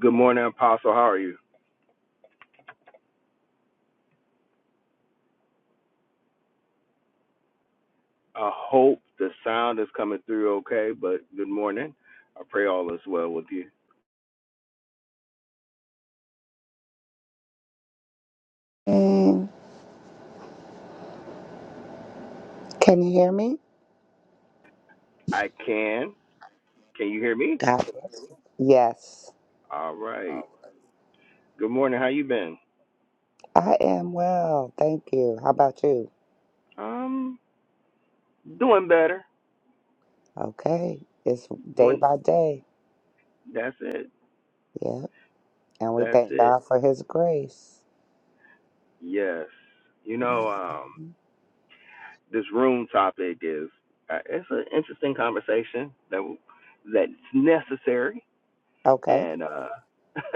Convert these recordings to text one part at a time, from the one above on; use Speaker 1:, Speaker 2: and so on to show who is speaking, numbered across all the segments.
Speaker 1: Good morning, Apostle. How are you? I hope the sound is coming through okay, but good morning. I pray all is well with you.
Speaker 2: And can you hear me?
Speaker 1: I can. Can you hear me?
Speaker 2: God bless you. Yes,
Speaker 1: All right. Good morning. How you been?
Speaker 2: I am well. Thank you. How about you?
Speaker 1: Um, doing better.
Speaker 2: Okay. It's day
Speaker 1: Doing.
Speaker 2: by day.
Speaker 1: That's it.
Speaker 2: Yeah. And we
Speaker 1: That's
Speaker 2: thank
Speaker 1: it.
Speaker 2: God for His grace.
Speaker 1: Yes. You know, um,
Speaker 2: Mhm.
Speaker 1: this room topic is uh, it's an interesting conversation that that's necessary
Speaker 2: Okay.
Speaker 1: and uh,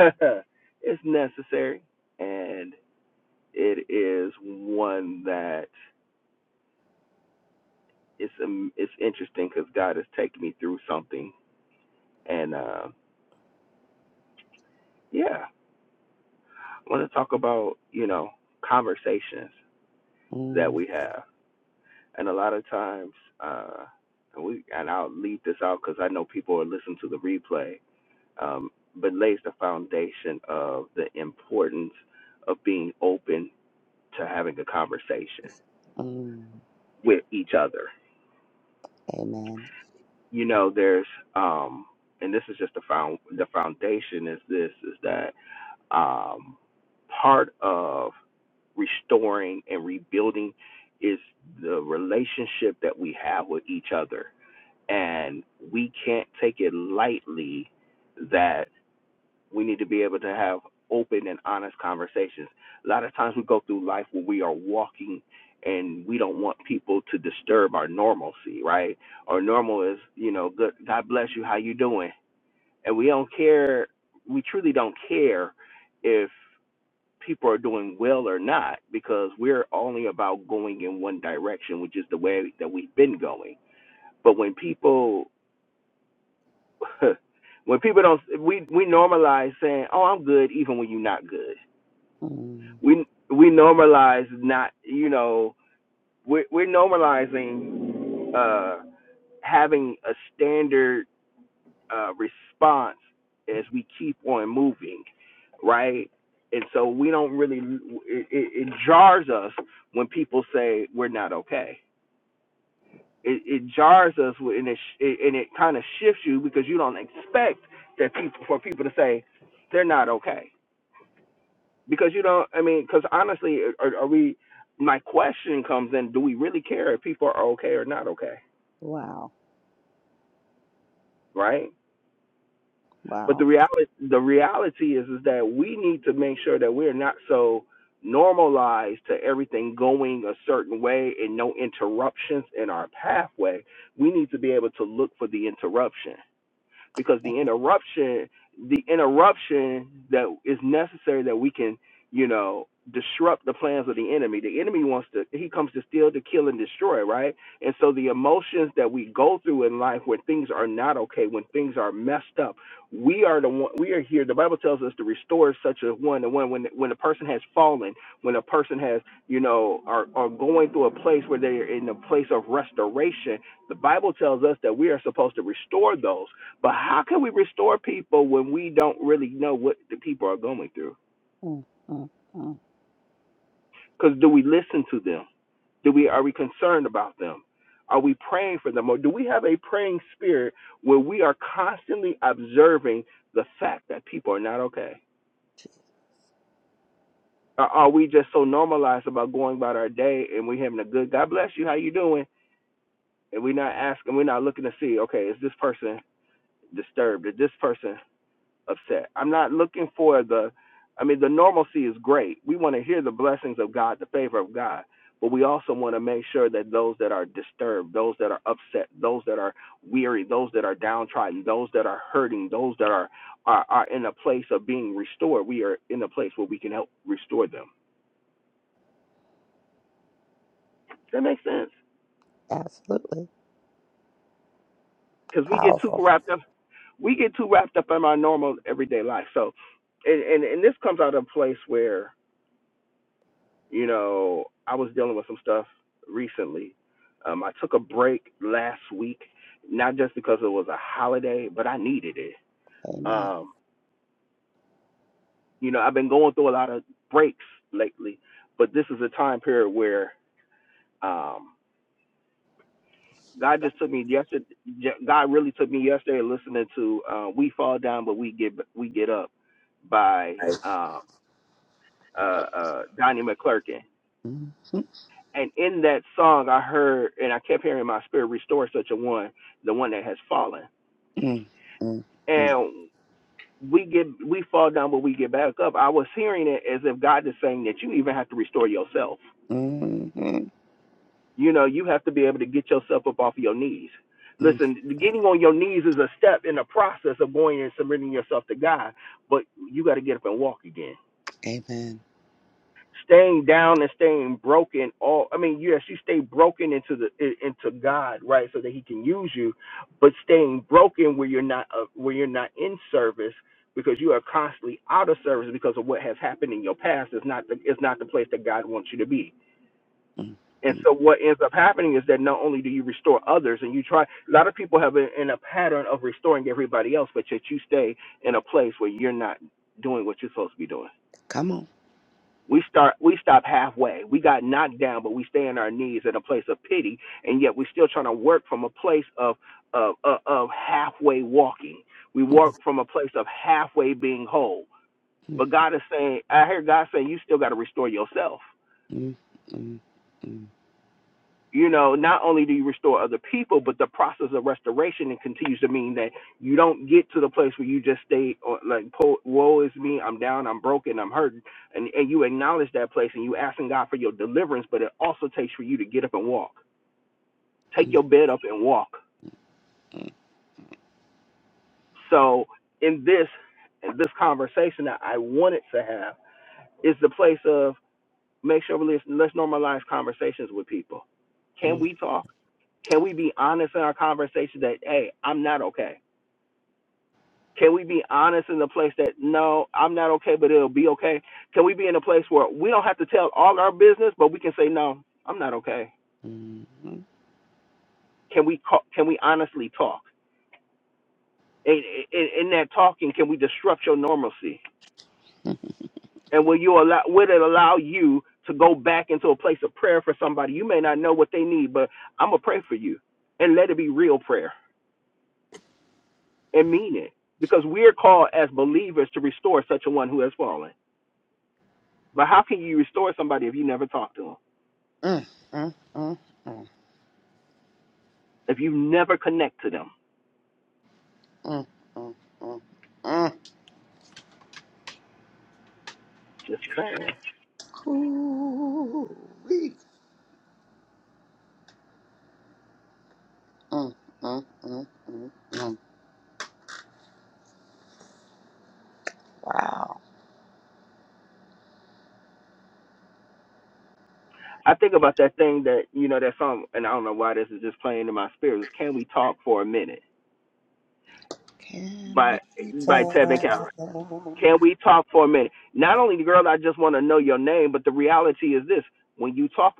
Speaker 1: it's necessary and it is one that it's um, it's interesting because God has taken me through something, and uh, yeah, I want to talk about you know conversations that
Speaker 2: mm
Speaker 1: we have, and a lot of times, uh, and we and I'll leave this out because I know people are listening to the replay, um, but lays the foundation of the importance of being open to having a conversation
Speaker 2: mm.
Speaker 1: with each other
Speaker 2: Amen.
Speaker 1: you know there's um and this is just the found the foundation is this is that um part of restoring and rebuilding is the relationship that we have with each other and we can't take it lightly that we need to be able to have open and honest conversations. A lot of times we go through life where we are walking and we don't want people to disturb our normalcy, right? Our normal is, you know, good God bless you, how you doing? And we don't care we truly don't care if people are doing well or not because we're only about going in one direction, which is the way that we've been going. But when people when people don't we we normalize saying, "Oh, I'm good," even when you're not good
Speaker 2: mm
Speaker 1: we we normalize not you know we're, we're normalizing uh having a standard uh response as we keep on moving right and so we don't really it, it, it jars us when people say we're not okay it, it jars us and it, it and it kind of shifts you because you don't expect that people for people to say they're not okay because you know i mean because honestly are, are we my question comes in do we really care if people are okay or not okay
Speaker 2: Wow.
Speaker 1: right but the
Speaker 2: Wow.
Speaker 1: reality the reality is is that we need to make sure that we're not so normalized to everything going a certain way and no interruptions in our pathway we need to be able to look for the interruption because the interruption the interruption that is necessary that we can you know disrupt the plans of the enemy the enemy wants to he comes to steal to kill and destroy right and so the emotions that we go through in life when things are not okay when things are messed up we are the one we are here the bible tells us to restore such a one to one when when a person has fallen when a person has you know are are going through a place where they're in a place of restoration the bible tells us that we are supposed to restore those but how can we restore people when we don't really know what the people are going through?
Speaker 2: mm mm mm.
Speaker 1: Because do we listen to them? Do we are we concerned about them? Are we praying for them? Or do we have a praying spirit where we are constantly observing the fact that people are not okay? Or are we just so normalized about going about our day and we having a good God bless you, how you doing? And we're not asking, we're not looking to see, okay, is this person disturbed? Is this person upset. I'm not looking for the, I mean, the normalcy is great. We want to hear the blessings of God, the favor of God, but we also want to make sure that those that are disturbed, those that are upset, those that are weary, those that are downtrodden, those that are hurting, those that are, are, are in a place of being restored, we are in a place where we can help restore them. That makes sense.
Speaker 2: Absolutely.
Speaker 1: Because we get too
Speaker 2: Powerful.
Speaker 1: wrapped up we get too wrapped up in our normal everyday life. So, and and, and this comes out of a place where You know, I was dealing with some stuff recently. Um, I took a break last week, not just because it was a holiday, but I needed it.
Speaker 2: Amen.
Speaker 1: Um, you know, I've been going through a lot of breaks lately, but this is a time period where um, God just took me yesterday. yeah, God really took me yesterday listening to uh, "We Fall Down, But We Get We Get Up" by
Speaker 2: Right.
Speaker 1: um, uh, uh, Donnie McClurkin
Speaker 2: mm mm
Speaker 1: and in that song I heard and I kept hearing in my spirit restore such a one, the one that has fallen.
Speaker 2: mm mm mm
Speaker 1: And we get we fall down but we get back up. I was hearing it as if God is saying that you even have to restore yourself.
Speaker 2: mm. mm.
Speaker 1: You know, you have to be able to get yourself up off of your knees. Listen, getting on your knees is a step in the process of going and submitting yourself to God, but you got to get up and walk again
Speaker 2: Amen.
Speaker 1: staying down and staying broken all i mean yes you stay broken into the i- into god right so that he can use you but staying broken where you're not uh, where you're not in service because you are constantly out of service because of what has happened in your past is not the is not the place that god wants you to be
Speaker 2: mm
Speaker 1: and
Speaker 2: mm.
Speaker 1: so what ends up happening is that not only do you restore others and you try a lot of people have been in a pattern of restoring everybody else but yet you stay in a place where you're not doing what you're supposed to be doing
Speaker 2: Come on.
Speaker 1: we start we stop halfway. We got knocked down, but we stay on our knees at a place of pity, and yet we're still trying to work from a place of of of, of halfway walking. We work from a place of halfway being whole. But God is saying, I hear God saying, you still got to restore yourself.
Speaker 2: Mm, mm, mm, mm, mm, mm, mm, mm, mm, mm,
Speaker 1: you know, not only do you restore other people, but the process of restoration it continues to mean that you don't get to the place where you just stay or like, po- woe is me, I'm down, I'm broken, I'm hurting, and and you acknowledge that place and you asking God for your deliverance, but it also takes for you to get up and walk, take your bed up and walk. So in this in this conversation that I wanted to have is the place of make sure we let's, let's normalize conversations with people. Can we talk? Can we be honest in our conversation that, hey, I'm not okay? Can we be honest in the place that, no, I'm not okay, but it'll be okay? Can we be in a place where we don't have to tell all our business, but we can say, no, I'm not okay? Can we call, can we honestly talk? In, in, in that talking, can we disrupt your normalcy? And will you allow? Will it allow you to go back into a place of prayer for somebody? You may not know what they need, but I'm gonna pray for you, and let it be real prayer and meaning because we're called as believers to restore such a one who has fallen. But how can you restore somebody if you never talk to them,
Speaker 2: mm,
Speaker 1: if you never connect to them?
Speaker 2: mm, mm, mm. mm.
Speaker 1: Just saying.
Speaker 2: Cool-ee. Mm, mm, mm, mm, mm. Wow.
Speaker 1: I think about that thing that you know that song, and I don't know why this is just playing in my spirit. Is "Can We Talk for a Minute"
Speaker 2: Can
Speaker 1: by
Speaker 2: we
Speaker 1: by
Speaker 2: tell?
Speaker 1: Tevin Cameron. Can we talk for a minute? Not only, girl, I just want to know your name, but the reality is this: when you talk,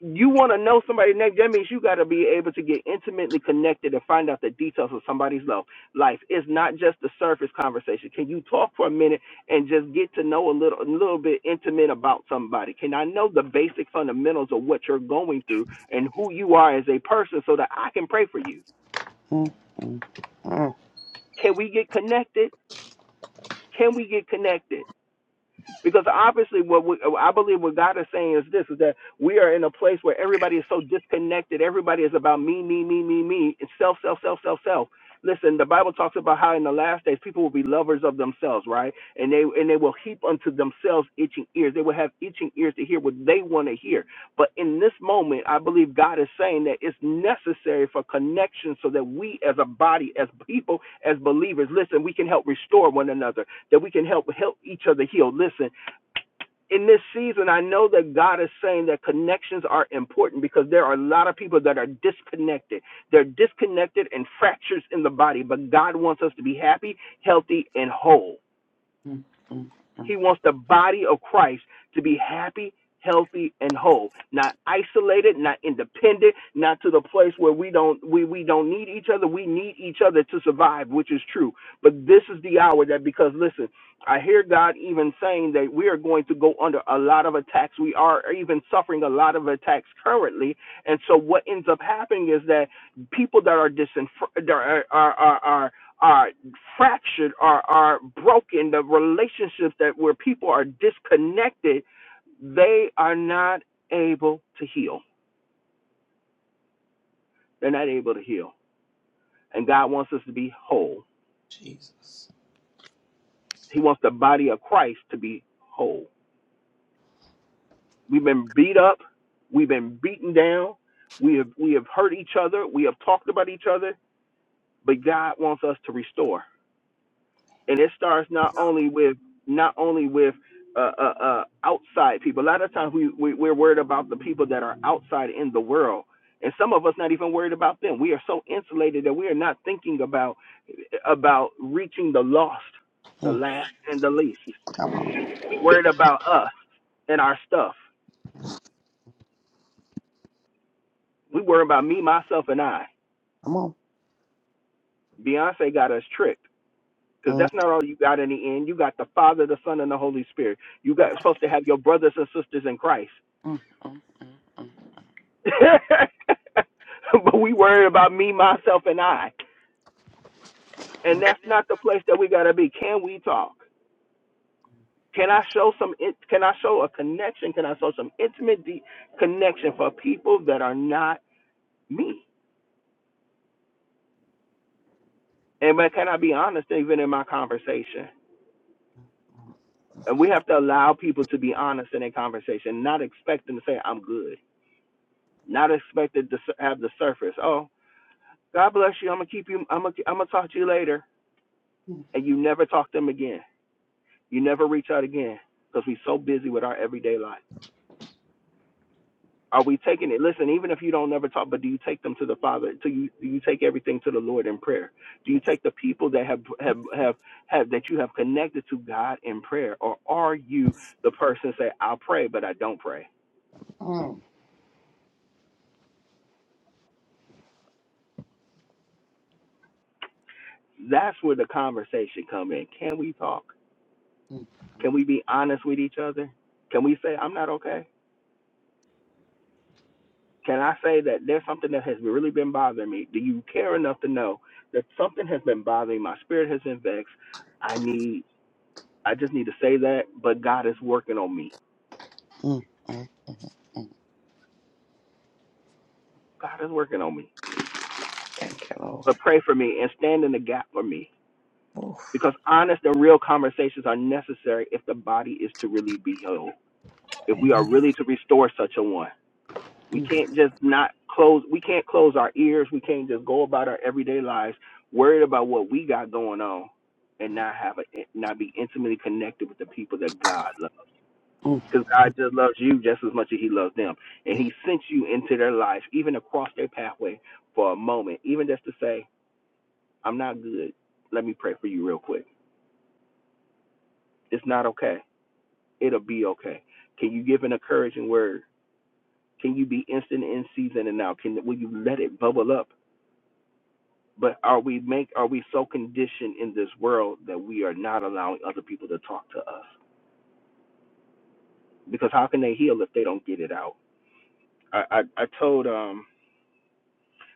Speaker 1: you want to know somebody's name, that means you got to be able to get intimately connected and find out the details of somebody's lo- life. It's not just the surface conversation. Can you talk for a minute and just get to know a little, a little bit intimate about somebody? Can I know the basic fundamentals of what you're going through and who you are as a person so that I can pray for you?
Speaker 2: Mm, mm, mm,
Speaker 1: Can we get connected? Can we get connected? Because obviously, what we, I believe what God is saying is this: is that we are in a place where everybody is so disconnected. Everybody is about me, me, me, me, me. It's self, self, self, self, self. Listen, the Bible talks about how in the last days people will be lovers of themselves, right? And they and they will heap unto themselves itching ears. They will have itching ears to hear what they want to hear. But in this moment, I believe God is saying that it's necessary for connection so that we as a body, as people, as believers, listen, we can help restore one another, that we can help help each other heal. Listen, in this season, I know that God is saying that connections are important because there are a lot of people that are disconnected. They're disconnected and fractures in the body, but God wants us to be happy, healthy, and whole.
Speaker 2: mm, mm, mm.
Speaker 1: He wants the body of Christ to be happy, healthy, and whole. Not isolated, not independent, not to the place where we don't we, we don't need each other. We need each other to survive, which is true. But this is the hour that because listen, I hear God even saying that we are going to go under a lot of attacks. We are even suffering a lot of attacks currently. And so what ends up happening is that people that are disenfranchised, that are, are, are, are are fractured, are are broken, the relationships that where people are disconnected, they are not able to heal. They're not able to heal. And God wants us to be whole.
Speaker 2: Jesus.
Speaker 1: He wants the body of Christ to be whole. We've been beat up, we've been beaten down, we have we have hurt each other, we have talked about each other, but God wants us to restore. and it starts not only with not only with uh, uh, uh, outside people. A lot of times we, we we're worried about the people that are outside in the world, and some of us not even worried about them. We are so insulated that we are not thinking about about reaching the lost, the
Speaker 2: Mm,
Speaker 1: last, and the least.
Speaker 2: Come on.
Speaker 1: We worried about us and our stuff. We worry about me, myself, and I.
Speaker 2: Come on.
Speaker 1: Beyonce got us tricked because
Speaker 2: Mm,
Speaker 1: that's not all you got in the end. You got the Father, the Son, and the Holy Spirit. You
Speaker 2: Come
Speaker 1: got
Speaker 2: on.
Speaker 1: supposed to have your brothers and sisters in Christ
Speaker 2: Mm, mm, mm,
Speaker 1: but we worried about me, myself, and I, and that's not the place that we gotta be. Can we talk? Can I show some? in- Can I show a connection? Can I show some intimate de- connection for people that are not me? And but can I be honest even in my conversation? And we have to allow people to be honest in their conversation, not expect them to say I'm good, not expected to s- have the surface. Oh, God bless you. I'm gonna keep you. I'm gonna. I'm gonna talk to you later, and you never talk to them again You never reach out again because we're so busy with our everyday life. Are we taking it? Listen, even if you don't never talk, but do you take them to the Father? Do you do you take everything to the Lord in prayer? Do you take the people that have have have, have that you have connected to God in prayer, or are you the person say I will pray but I don't pray?
Speaker 2: mm, mm. Mm,
Speaker 1: That's where the conversation come in. Can we talk?
Speaker 2: mm,
Speaker 1: Can we be honest with each other? Can we say I'm not okay? Can I say that there's something that has really been bothering me? Do you care enough to know that something has been bothering me? My spirit has been vexed. I need, I just need to say that, but God is working on me.
Speaker 2: mm, mm, mm. mm.
Speaker 1: God is working on me.
Speaker 2: Thank you, Lord.
Speaker 1: But pray for me and stand in the gap for me
Speaker 2: Oof.
Speaker 1: because honest and real conversations are necessary if the body is to really be whole, if we are really to restore such a one. We can't just not close. We can't close our ears. We can't just go about our everyday lives worried about what we got going on, and not have a not be intimately connected with the people that God loves.
Speaker 2: Amen.
Speaker 1: Because God just loves you just as much as He loves them, and He sent you into their life, even across their pathway for a moment, even just to say, "I'm not good. Let me pray for you real quick. It's not okay. It'll be okay." Can you give an encouraging word? Can you be instant in season and out? Can will you let it bubble up? But are we make are we so conditioned in this world that we are not allowing other people to talk to us? Because how can they heal if they don't get it out? I I, I told um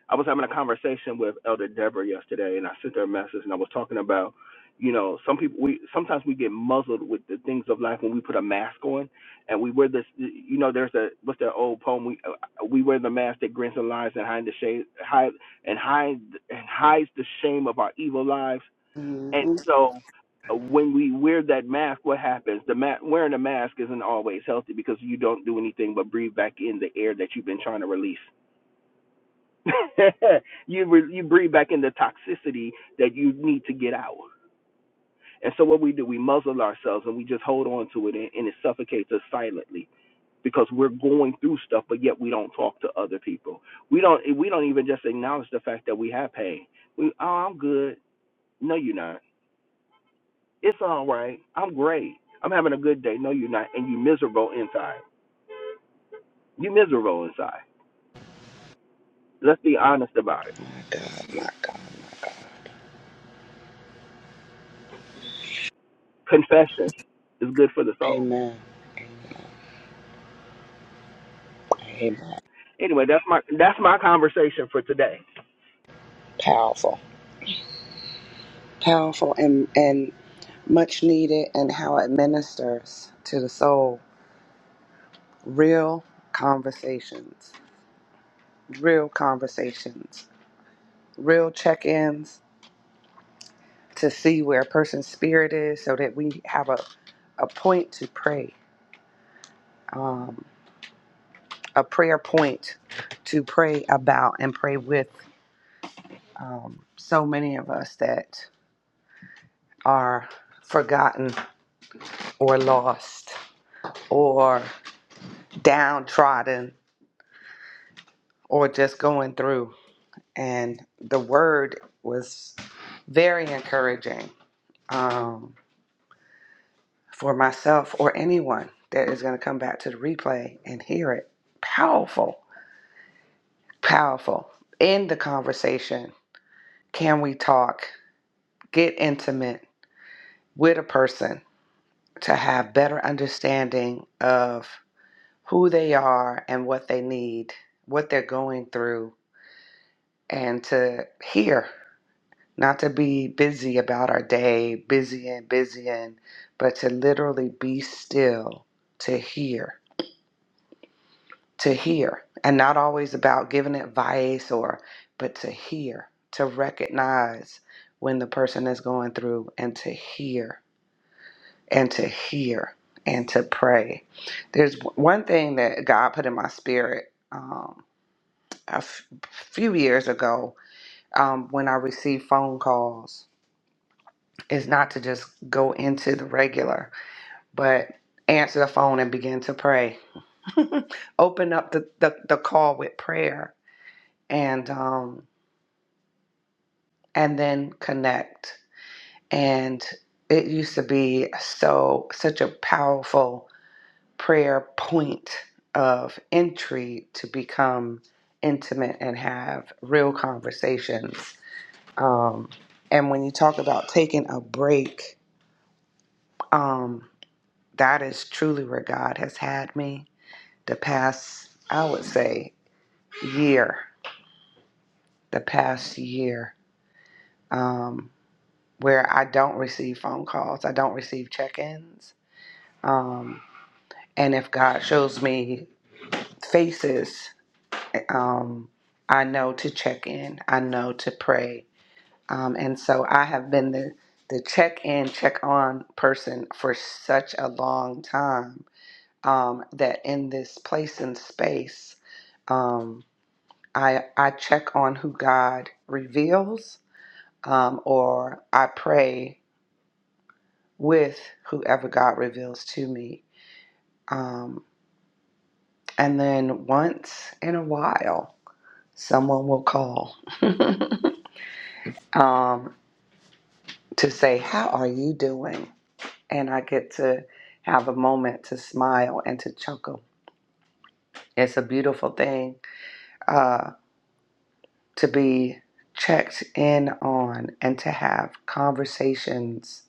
Speaker 1: I was having a conversation with Elder Deborah yesterday, and I sent her a message, and I was talking about you know some people we sometimes we get muzzled with the things of life when we put a mask on, and we wear this you know there's a what's that old poem we uh, we wear the mask that grins and lies and hide the shade hide and hide and hides the shame of our evil lives And
Speaker 2: hmm
Speaker 1: so uh, when we wear that mask, what happens? The ma- wearing a mask isn't always healthy because you don't do anything but breathe back in the air that you've been trying to release. you re- you breathe back in the toxicity that you need to get out. And so what we do, we muzzle ourselves and we just hold on to it, and, and it suffocates us silently because we're going through stuff, but yet we don't talk to other people. We don't we don't even just acknowledge the fact that we have pain. We oh I'm good. No, you're not It's all right. I'm great. I'm having a good day. No, you're not. And you miserable inside. You miserable inside. Let's be honest about it. Confession is good for the soul.
Speaker 2: Amen. Amen.
Speaker 1: Anyway, that's my that's my conversation for today.
Speaker 2: Powerful. Powerful and, and much needed, and how it ministers to the soul. Real conversations, real conversations, real check ins to see where a person's spirit is so that we have a, a point to pray, um, a prayer point to pray about and pray with um, so many of us that are forgotten or lost or downtrodden or just going through. And the word was very encouraging um, for myself or anyone that is going to come back to the replay and hear it. Powerful, powerful. In the conversation, can we talk, get intimate with a person to have better understanding of who they are and what they need, what they're going through, and to hear. not to be busy about our day, busy and busy and, but to literally be still, to hear, to hear, and not always about giving advice or, but to hear, to recognize when the person is going through and to hear, and to hear, and to pray. There's one thing that God put in my spirit um, a f- few years ago um, when I received phone calls is not to just go into the regular, but answer the phone and begin to pray. Open up the, the, the call with prayer and um and then connect. And it used to be so such a powerful prayer point of entry to become intimate and have real conversations. Um and when you talk about taking a break, um, that is truly where God has had me the past, I would say, year, the past year, um, where I don't receive phone calls, I don't receive check ins. Um, and if God shows me faces, um, I know to check in, I know to pray. Um, and so I have been the, the check in, check on person for such a long time um, that in this place and space, um, I I check on who God reveals, um, or I pray with whoever God reveals to me. Um, and then once in a while, someone will call um, to say, "How are you doing?" And I get to have a moment to smile and to chuckle. It's a beautiful thing uh, to be checked in on and to have conversations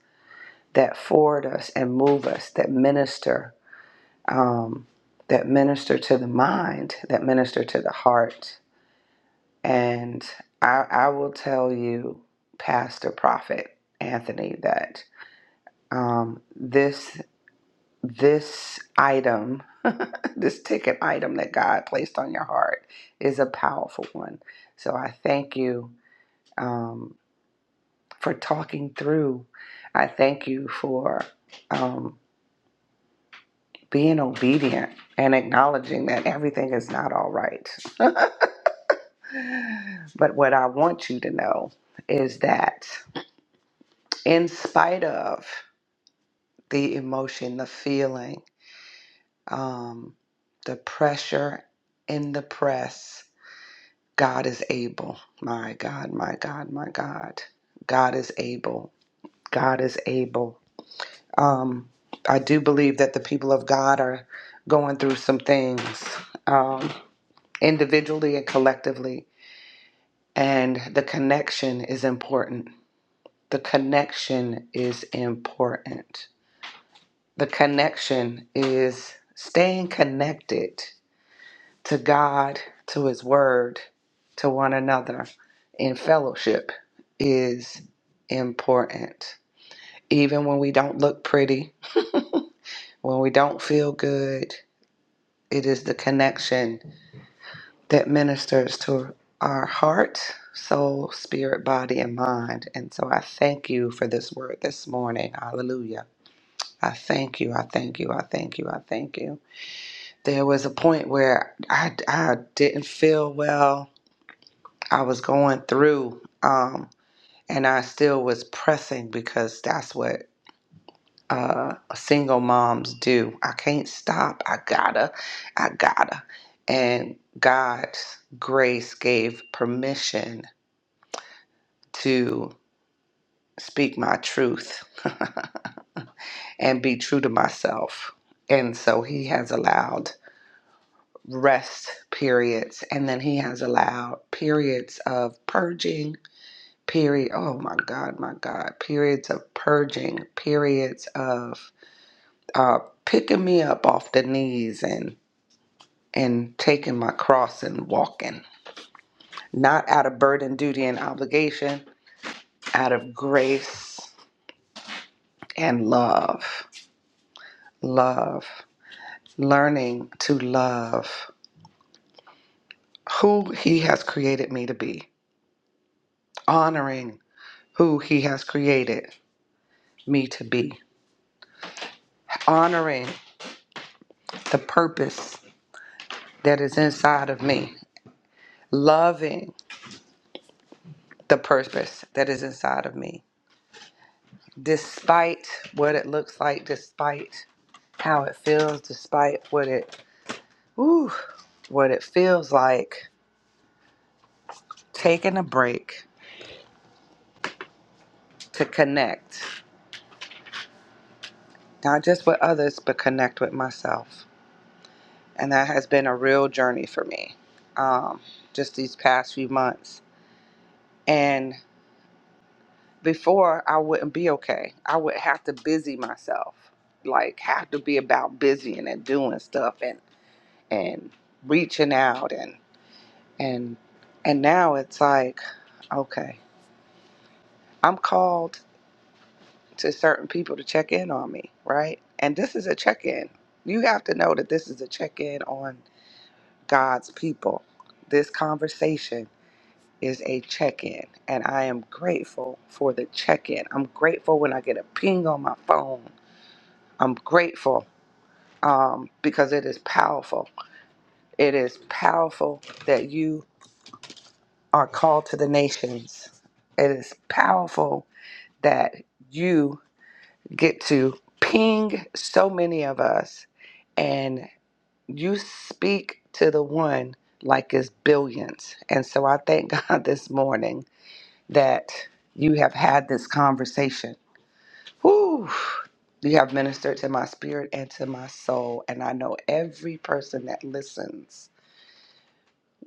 Speaker 2: that forward us and move us, that minister, um, that minister to the mind, that minister to the heart. And I, I will tell you, Pastor Prophet Anthony, that um, this this item, this ticket item that God placed on your heart, is a powerful one. So I thank you um, for talking through. I thank you for. um, being obedient and acknowledging that everything is not all right. But what I want you to know is that, in spite of the emotion, the feeling, um, the pressure in the press, God is able. My God, my God, my God. God is able. God is able. Um, I do believe that the people of God are going through some things um, individually and collectively And the connection is important. The connection is important. The connection is staying connected to God, to His Word, to one another in fellowship is important. Even when we don't look pretty, when we don't feel good, it is the connection that ministers to our heart, soul, spirit, body, and mind. And so I thank you for this word this morning. Hallelujah. I thank you. I thank you. I thank you. I thank you. There was a point where I, I didn't feel well. I was going through, um, and I still was pressing because that's what uh, single moms do. I can't stop. I gotta. I gotta. And God's grace gave permission to speak my truth and be true to myself. And so he has allowed rest periods and then he has allowed periods of purging, period oh my god, my god, periods of purging, periods of uh picking me up off the knees and and taking my cross and walking. Not out of burden, duty and obligation, out of grace and love. Love. learning to love who He has created me to be, honoring who He has created me to be, honoring the purpose that is inside of me, loving the purpose that is inside of me, despite what it looks like, despite how it feels, despite what it, ooh, what it feels like, taking a break to connect, not just with others, but connect with myself and that has been a real journey for me um, just these past few months and before i wouldn't be okay i would have to busy myself like have to be about busying and doing stuff and and reaching out and and and now it's like okay i'm called to certain people to check in on me right and this is a check-in you have to know that this is a check-in on god's people this conversation is a check in, and I am grateful for the check in. I'm grateful when I get a ping on my phone. I'm grateful um, because it is powerful. It is powerful that you are called to the nations. It is powerful that you get to ping so many of us and you speak to the one like it's billions. And so I thank God this morning that you have had this conversation. Whew. You have ministered to my spirit and to my soul, and I know every person that listens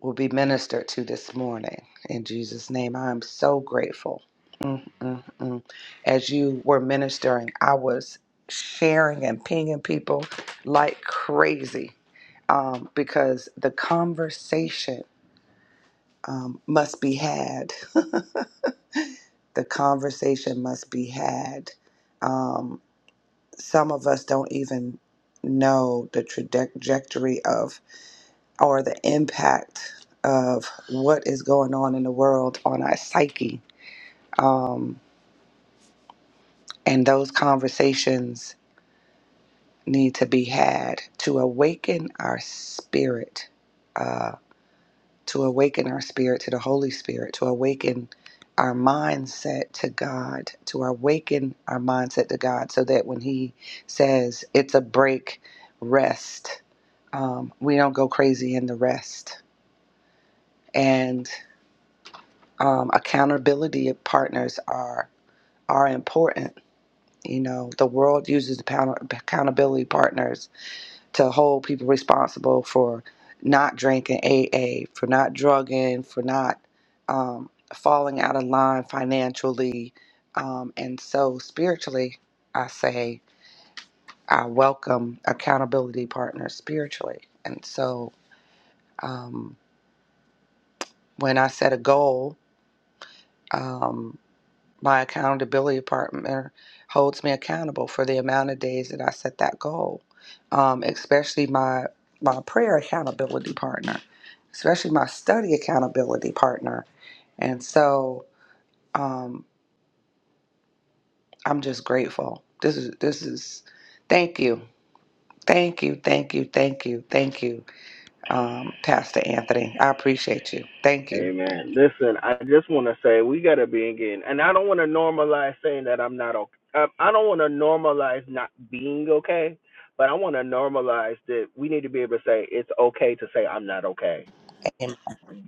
Speaker 2: will be ministered to this morning. In Jesus' name, I am so grateful. Mm, mm, mm. As you were ministering, I was sharing and pinging people like crazy um, because the conversation um, must be had the conversation must be had. Um, some of us don't even know the trajectory of or the impact of what is going on in the world on our psyche. Um, and those conversations need to be had to awaken our spirit. uh, to awaken our spirit to the Holy Spirit, to awaken our mindset to God, to awaken our mindset to God, so that when He says it's a break, rest, um, we don't go crazy in the rest. And um, accountability partners are are important. You know, the world uses account- accountability partners to hold people responsible for not drinking AA, for not drugging, for not um, falling out of line financially. Um, and so, spiritually, I say I welcome accountability partners spiritually. And so, um, when I set a goal, um, My accountability partner holds me accountable for the amount of days that I set that goal. Um, especially my my prayer accountability partner, especially my study accountability partner. And so um, I'm just grateful. This is this is thank you. Thank you, thank you, thank you, thank you, um, Pastor Anthony. I appreciate you. Thank you.
Speaker 1: Amen. Listen, I just want to say we gotta be again, and I don't want to normalize saying that I'm not okay. I, I don't want to normalize not being okay, but I want to normalize that we need to be able to say it's okay to say I'm not okay
Speaker 2: Amen.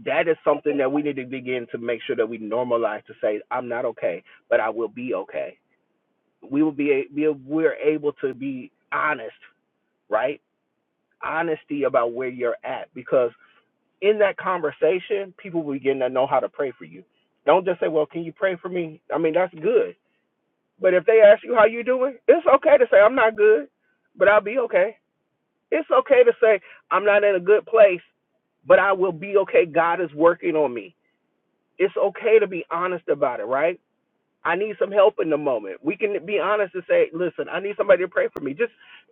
Speaker 1: that is something that we need to begin to make sure that we normalize to say I'm not okay, but I will be okay. We will be, we're able to be honest, right? Honesty about where you're at because in that conversation, people will begin to know how to pray for you. Don't just say, "Well, can you pray for me?" I mean, that's good. But if they ask you how you doing, it's okay to say I'm not good, but I'll be okay. It's okay to say I'm not in a good place, but I will be okay. God is working on me it's okay to be honest about it, right? I need some help in the moment. We can be honest and say, listen, I need somebody to pray for me. Just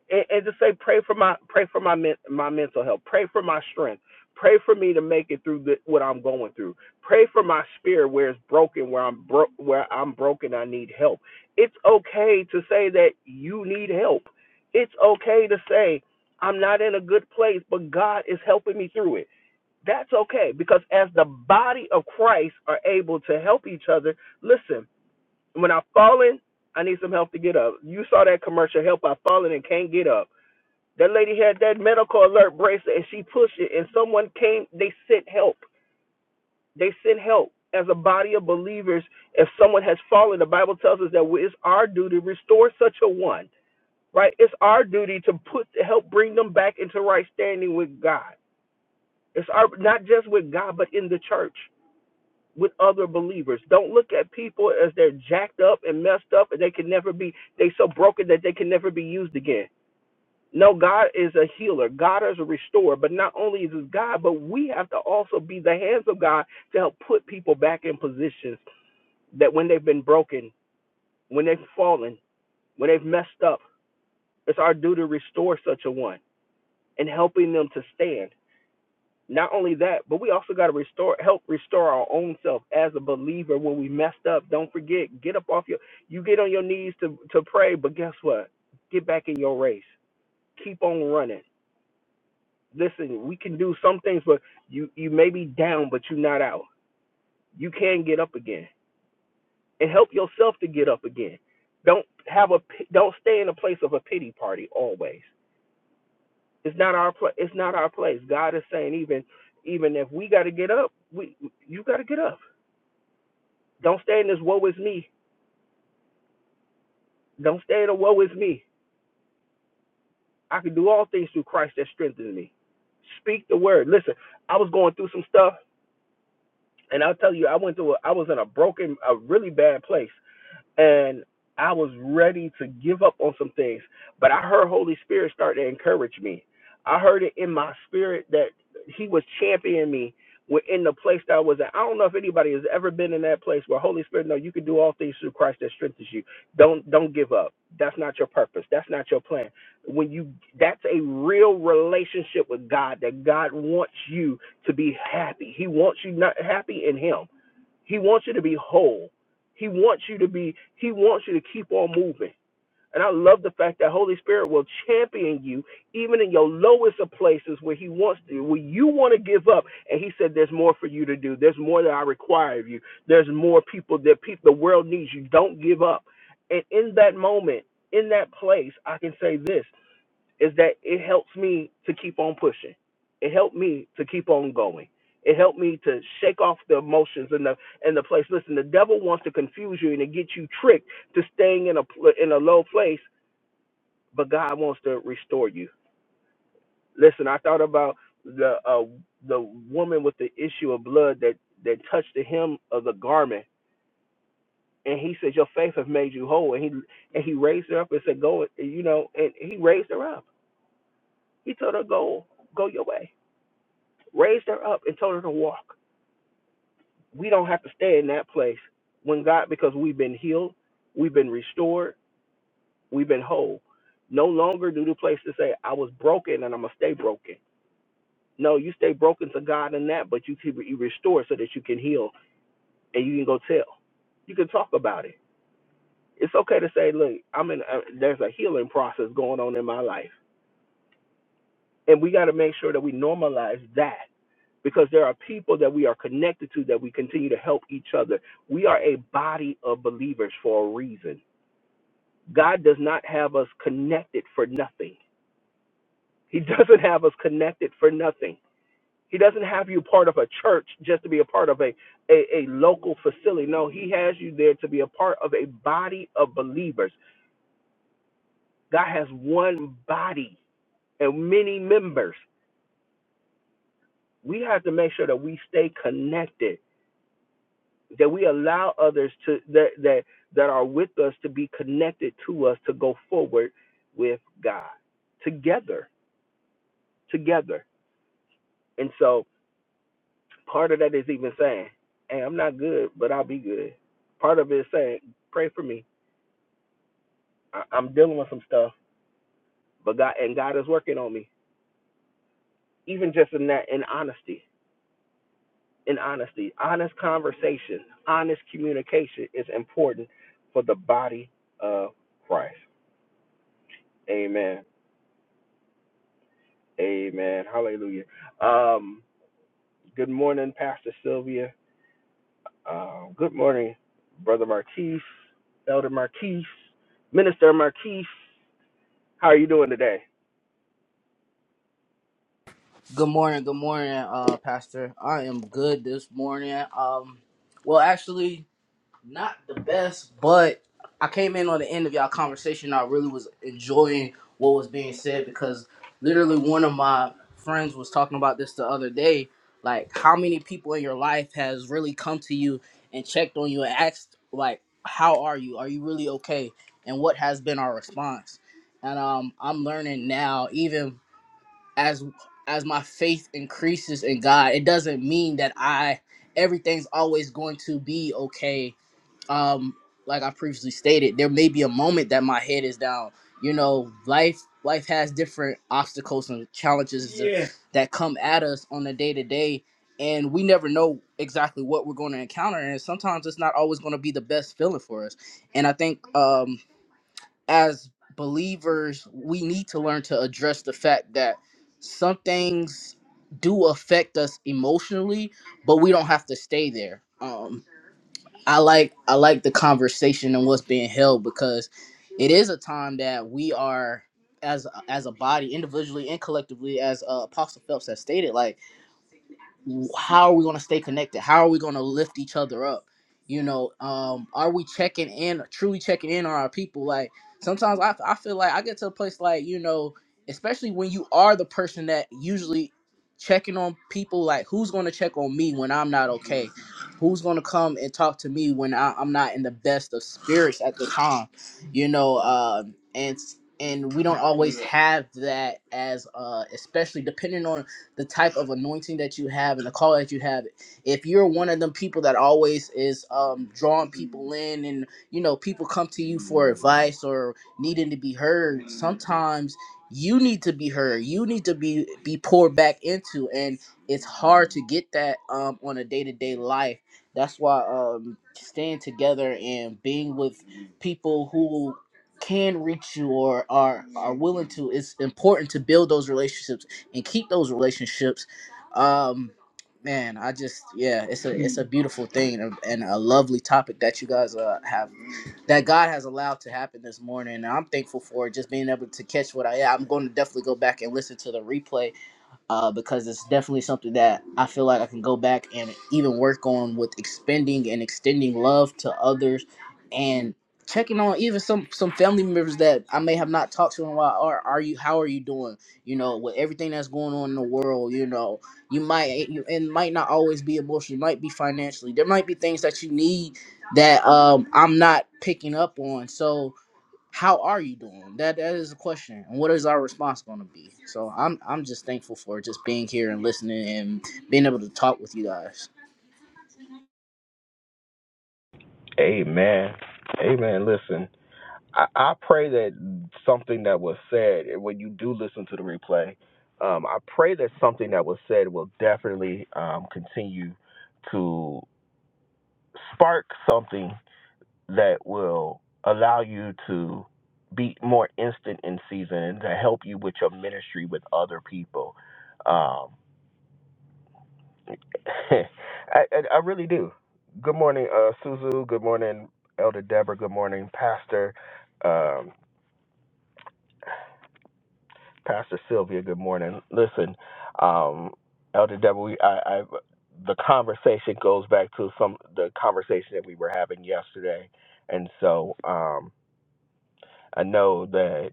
Speaker 1: and, and just say, pray for my pray for my men, my mental health. Pray for my strength. Pray for me to make it through the, what I'm going through. Pray for my spirit where it's broken, where I'm bro- where I'm broken. I need help. It's okay to say that you need help. It's okay to say I'm not in a good place, but God is helping me through it. That's okay because as the body of Christ are able to help each other, listen, when I've fallen, I need some help to get up. You saw that commercial, Help, I've fallen and can't get up. That lady had that medical alert bracelet and she pushed it, and someone came, they sent help. They sent help. As a body of believers, if someone has fallen, the Bible tells us that it's our duty to restore such a one, right? It's our duty to put to help bring them back into right standing with God. It's our not just with God, but in the church. with other believers. Don't look at people as they're jacked up and messed up and they can never be they so broken that they can never be used again. No, God is a healer. God is a restorer. But not only is this God, but we have to also be the hands of God to help put people back in positions that when they've been broken, when they've fallen, when they've messed up, it's our duty to restore such a one and helping them to stand. Not only that, but we also got to restore, help restore our own self as a believer. When we messed up, don't forget, get up off your, you get on your knees to to pray. But guess what? Get back in your race. Keep on running. Listen, we can do some things, but you you may be down, but you're not out. You can get up again and help yourself to get up again. Don't have a don't stay in a place of a pity party always. It's not our pla- it's not our place. God is saying even even if we got to get up, we you got to get up Don't stay in this woe is me. Don't stay in the woe is me. I can do all things through Christ that strengthens me. Speak the word. Listen, I was going through some stuff, and I'll tell you, I went through. A, I was in a broken, a really bad place, and I was ready to give up on some things, but I heard Holy Spirit start to encourage me. I heard it in my spirit that He was championing me within the place that I was at. I don't know if anybody has ever been in that place where Holy Spirit, no, you can do all things through Christ that strengthens you. Don't don't give up. That's not your purpose. That's not your plan. When you that's a real relationship with God that God wants you to be happy. He wants you not happy in Him. He wants you to be whole. He wants you to be, he wants you to keep on moving. And I love the fact that Holy Spirit will champion you even in your lowest of places where he wants to, where you want to give up. And he said, There's more for you to do. There's more that I require of you. There's more people that people the world needs you. Don't give up. And in that moment, in that place, I can say this is that it helps me to keep on pushing. It helped me to keep on going. It helped me to shake off the emotions and the and the place. Listen, the devil wants to confuse you and to get you tricked to staying in a pl- in a low place, but God wants to restore you. Listen, I thought about the uh, the woman with the issue of blood that that touched the hem of the garment, and he said, "Your faith has made you whole." And he and he raised her up and said, "Go," you know, and he raised her up. He told her, "Go, go your way." raised her up and told her to walk. We don't have to stay in that place when God, because we've been healed, we've been restored, we've been whole. No longer do the place to say, I was broken and I'm going to stay broken. No, you stay broken to God in that, but you keep you restore so that you can heal and you can go tell. You can talk about it. It's okay to say, look, I'm in. Uh, there's a healing process going on in my life, and we got to make sure that we normalize that because there are people that we are connected to that we continue to help each other. We are a body of believers for a reason. God does not have us connected for nothing. He doesn't have us connected for nothing. He doesn't have you part of a church just to be a part of a, a, a local facility. No, He has you there to be a part of a body of believers. God has one body and many members. We have to make sure that we stay connected that we allow others to that that that are with us to be connected to us to go forward with God together together and so part of that is even saying hey I'm not good but I'll be good part of it is saying pray for me I, I'm dealing with some stuff but God and God is working on me even just in that in honesty in honesty honest conversation honest communication is important for the body of Christ amen Amen. Hallelujah. Um, good morning, Pastor Sylvia. Uh, good morning, Brother Marquise, Elder Marquise, Minister Marquise. How are you doing today?
Speaker 3: Good morning, good morning, uh, Pastor. I am good this morning. Um, well, actually, not the best, but I came in on the end of y'all conversation. I really was enjoying what was being said because literally one of my friends was talking about this the other day. Like, how many people in your life has really come to you and checked on you and asked, like, how are you? Are you really okay? And what has been our response? And um, I'm learning now, even as as my faith increases in God, it doesn't mean that I everything's always going to be okay. Um, like I previously stated, there may be a moment that my head is down. You know, life life has different obstacles and challenges Yeah. that come at us on a day to day, and we never know exactly what we're going to encounter. And sometimes it's not always going to be the best feeling for us. And I think um, as believers, we need to learn to address the fact that some things do affect us emotionally, but we don't have to stay there. Um, I like I like the conversation and what's being held because it is a time that we are as as a body, individually and collectively, as uh, Apostle Phelps has stated, like how are we going to stay connected how are we going to lift each other up you know um are we checking in truly checking in on our people like sometimes i, I feel like i get to a place like you know especially when you are the person that usually checking on people like who's going to check on me when i'm not okay who's going to come and talk to me when I, i'm not in the best of spirits at the time you know um and and we don't always have that as uh especially depending on the type of anointing that you have and the call that you have. If you're one of them people that always is um, drawing people in and, you know, people come to you for advice or needing to be heard, sometimes you need to be heard. You need to be, be poured back into. And it's hard to get that um, on a day to day life. That's why um, staying together and being with people who can reach you or are are willing to it's important to build those relationships and keep those relationships. Um, man, I just yeah, it's a it's a beautiful thing and and a lovely topic that you guys uh, have that God has allowed to happen this morning. And I'm thankful for just being able to catch what I. Yeah, I'm going to definitely go back and listen to the replay uh, because it's definitely something that I feel like I can go back and even work on with expending and extending love to others and checking on even some some family members that I may have not talked to in a while or are you how are you doing you know with everything that's going on in the world you know you might you, and might not always be emotionally you might be financially there might be things that you need that um I'm not picking up on so how are you doing? That that is the question, and what is our response going to be? So I'm I'm just thankful for just being here and listening and being able to talk with you guys.
Speaker 1: Amen. Amen. Listen, I, I pray that something that was said, and when you do listen to the replay, um, I pray that something that was said will definitely um, continue to spark something that will allow you to be more instant in season and to help you with your ministry with other people. Um, I, I, I really do. Good morning, uh, Suzu. Good morning, Elder Deborah. Good morning, Pastor. Um, Pastor Sylvia. Good morning. Listen, um, Elder Deborah, we, I, I, the conversation goes back to some the conversation that we were having yesterday, and so um, I know that.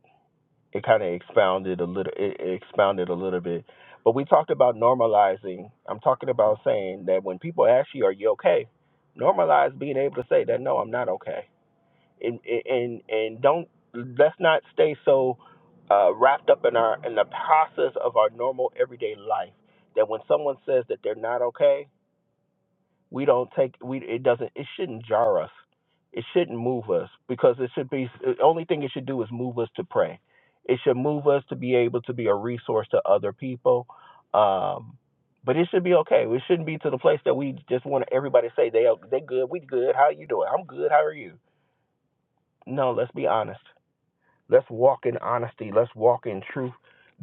Speaker 1: it kind of expounded a little it it expounded a little bit but we talked about normalizing i'm talking about saying that when people ask you are you okay normalize being able to say that no i'm not okay and and and don't let's not stay so uh, wrapped up in our in the process of our normal everyday life that when someone says that they're not okay we don't take we it doesn't it shouldn't jar us it shouldn't move us because it should be the only thing it should do is move us to pray it should move us to be able to be a resource to other people um but it should be okay it shouldn't be to the place that we just want everybody to say they are- they good we good how you doing i'm good how are you no let's be honest let's walk in honesty let's walk in truth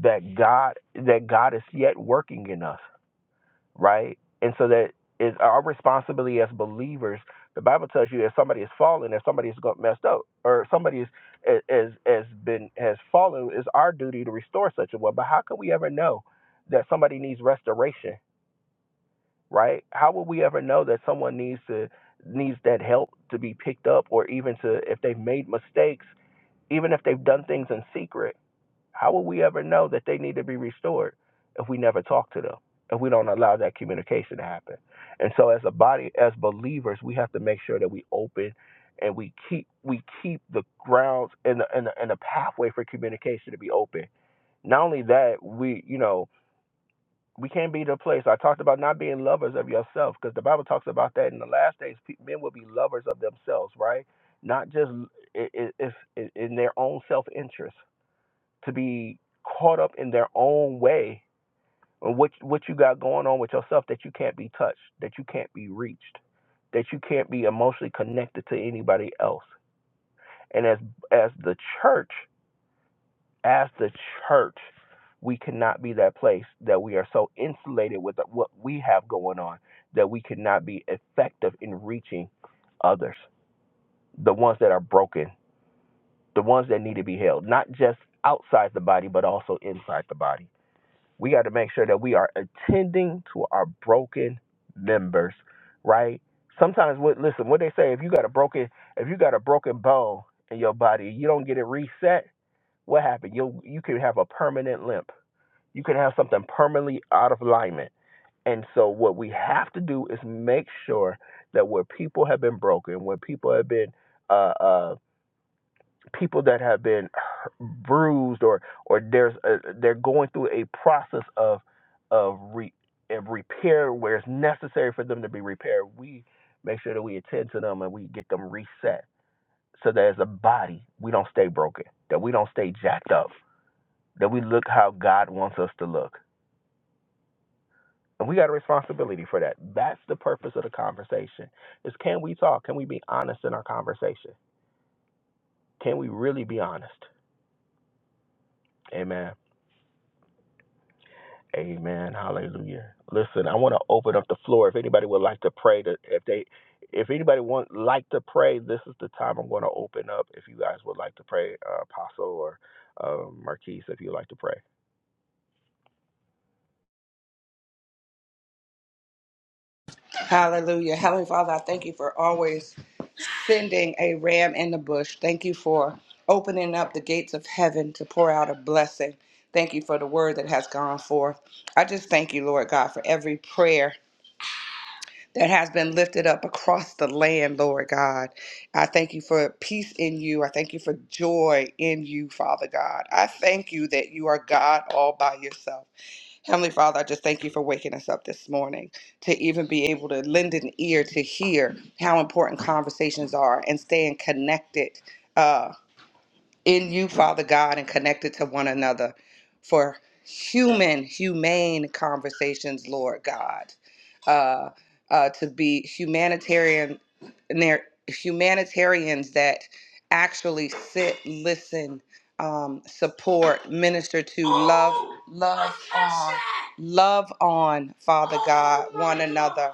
Speaker 1: that god that god is yet working in us right? And so that is our responsibility as believers. The Bible tells you if somebody is fallen, if somebody is got messed up, or somebody is is is- has been has fallen, it's our duty to restore such a one. But how can we ever know that somebody needs restoration, right? How will we ever know that someone needs to needs that help to be picked up, or even to if they've made mistakes, even if they've done things in secret? How will we ever know that they need to be restored if we never talk to them, if we don't allow that communication to happen? And so, as a body, as believers, we have to make sure that we open and we keep we keep the grounds and the and the, and the pathway for communication to be open. Not only that, we you know we can't be the place. I talked about not being lovers of yourself because the Bible talks about that in the last days. pe- Men will be lovers of themselves, right? Not just it, it, it's in their own self interest to be caught up in their own way or what what you got going on with yourself that you can't be touched, that you can't be reached, that you can't be emotionally connected to anybody else. And as as the church, as the church, we cannot be that place that we are so insulated with what we have going on that we cannot be effective in reaching others, the ones that are broken, the ones that need to be held, not just outside the body but also inside the body. We got to make sure that we are attending to our broken members, right? Sometimes what listen, what they say, if you got a broken if you got a broken bone in your body, you don't get it reset, what happened? You you can have a permanent limp. You can have something permanently out of alignment. And so what we have to do is make sure that where people have been broken, where people have been uh, uh, people that have been bruised or or there's a, they're going through a process of of re, of repair where it's necessary for them to be repaired. We make sure that we attend to them and we get them reset so that as a body we don't stay broken, that we don't stay jacked up, that we look how God wants us to look. And we got a responsibility for that. That's the purpose of the conversation. Is can we talk? Can we be honest in our conversation? Can we really be honest? Amen. Amen. Hallelujah. Listen, I want to open up the floor. If anybody would like to pray, to, if they, if anybody want like to pray, this is the time I'm going to open up. If you guys would like to pray, uh, Apostle or uh, Marquise, if you would like to pray.
Speaker 2: Hallelujah. Heavenly Father, I thank you for always sending a ram in the bush. Thank you for opening up the gates of heaven to pour out a blessing. Thank you for the word that has gone forth. I just thank you, Lord God, for every prayer that has been lifted up across the land, Lord God. I thank you for peace in you. I thank you for joy in you, Father God. I thank you that you are God all by yourself. Heavenly Father, I just thank you for waking us up this morning to even be able to lend an ear to hear how important conversations are and staying connected. uh, in you, Father God, and connected to one another for human, humane conversations, Lord God, uh, uh, to be humanitarian, ner- humanitarians that actually sit, listen, um, support, minister to, love, love on, love on, Father God, one another.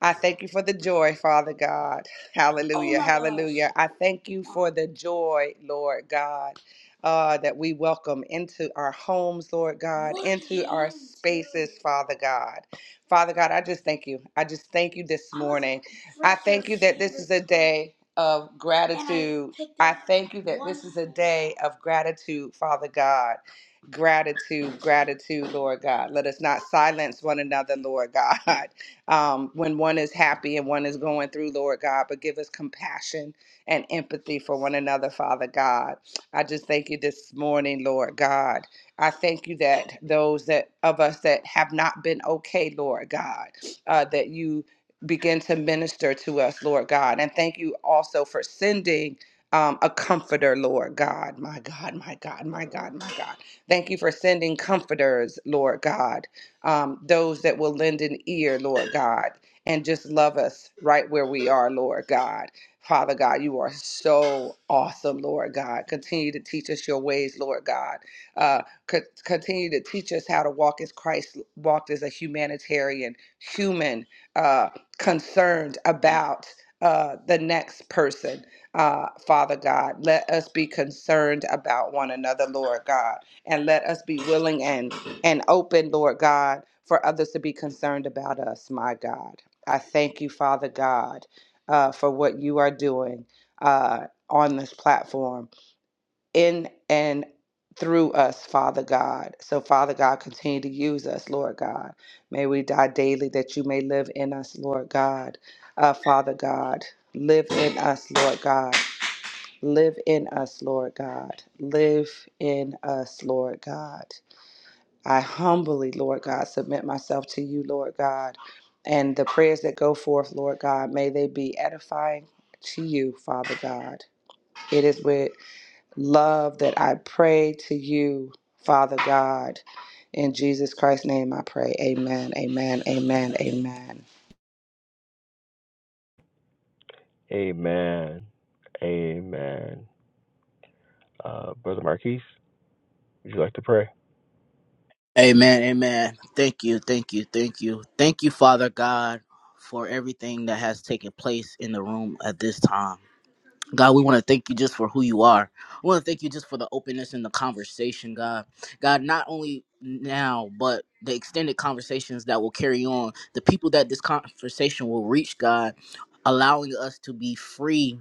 Speaker 2: I thank you for the joy, Father God. Oh Hallelujah. Hallelujah. I thank you for the joy, Lord God, uh, that we welcome into our homes, Lord God, into our spaces, Father God. Father God, I just thank you. I just thank you this morning. I thank you that this is a day of gratitude. I thank you that this is a day of gratitude, Father God. Gratitude, gratitude, Lord God. Let us not silence one another, Lord God. um, when one is happy and one is going through, Lord God, but give us compassion and empathy for one another, Father God. I just thank you this morning, Lord God. I thank you that those that of us that have not been okay, Lord God, uh, that you begin to minister to us, Lord God. And thank you also for sending um, a comforter, Lord God. My God, my God, my God, my God. Thank you for sending comforters, Lord God um, those that will lend an ear, Lord God, and just love us right where we are, Lord God. Father God, you are so awesome, Lord God. Continue to teach us your ways, Lord God. Uh, co- continue to teach us how to walk as Christ walked as a humanitarian, human, uh, concerned about uh, the next person. Uh, Father God, let us be concerned about one another, Lord God, and let us be willing and and open, Lord God, for others to be concerned about us, my God. I thank you, Father God, uh, for what you are doing uh, on this platform in and through us, Father God. So, Father God, continue to use us, Lord God. May we die daily that you may live in us, Lord God. Uh, Father God, live in us, Lord God. Live in us, Lord God. Live in us, Lord God. I humbly, Lord God, submit myself to you, Lord God. And the prayers that go forth, Lord God, may they be edifying to you, Father God. It is with love that I pray to you, Father God. In Jesus Christ's name I pray. Amen, amen, amen, amen.
Speaker 1: Amen. Amen. Uh, Brother Marquise, would you like to pray?
Speaker 3: Amen, amen. Thank you, thank you, thank you, thank you, Father God, for everything that has taken place in the room at this time. God, we want to thank you just for who you are. We want to thank you just for the openness and the conversation, God. God, not only now, but the extended conversations that will carry on, the people that this conversation will reach, God, allowing us to be free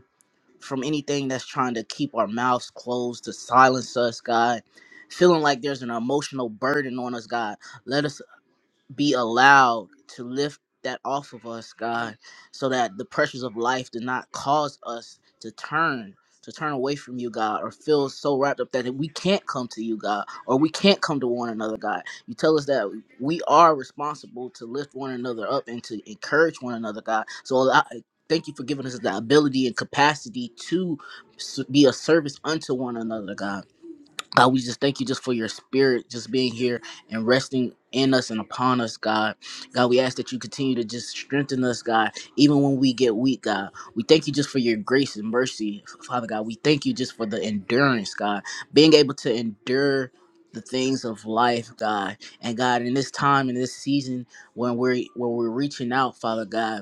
Speaker 3: from anything that's trying to keep our mouths closed, to silence us, God. Feeling like there's an emotional burden on us, God. Let us be allowed to lift that off of us, God, so that the pressures of life do not cause us to turn, to turn away from you, God, or feel so wrapped up that we can't come to you, God, or we can't come to one another, God. You tell us that we are responsible to lift one another up and to encourage one another, God. So allow- thank you for giving us the ability and capacity to s- be a service unto one another, God. God, we just thank you just for your spirit just being here and resting in us and upon us, God. God, we ask that you continue to just strengthen us, God, even when we get weak, God. We thank you just for your grace and mercy, Father God. We thank you just for the endurance, God, being able to endure the things of life, God. And God, in this time, in this season when we're when we're reaching out, Father God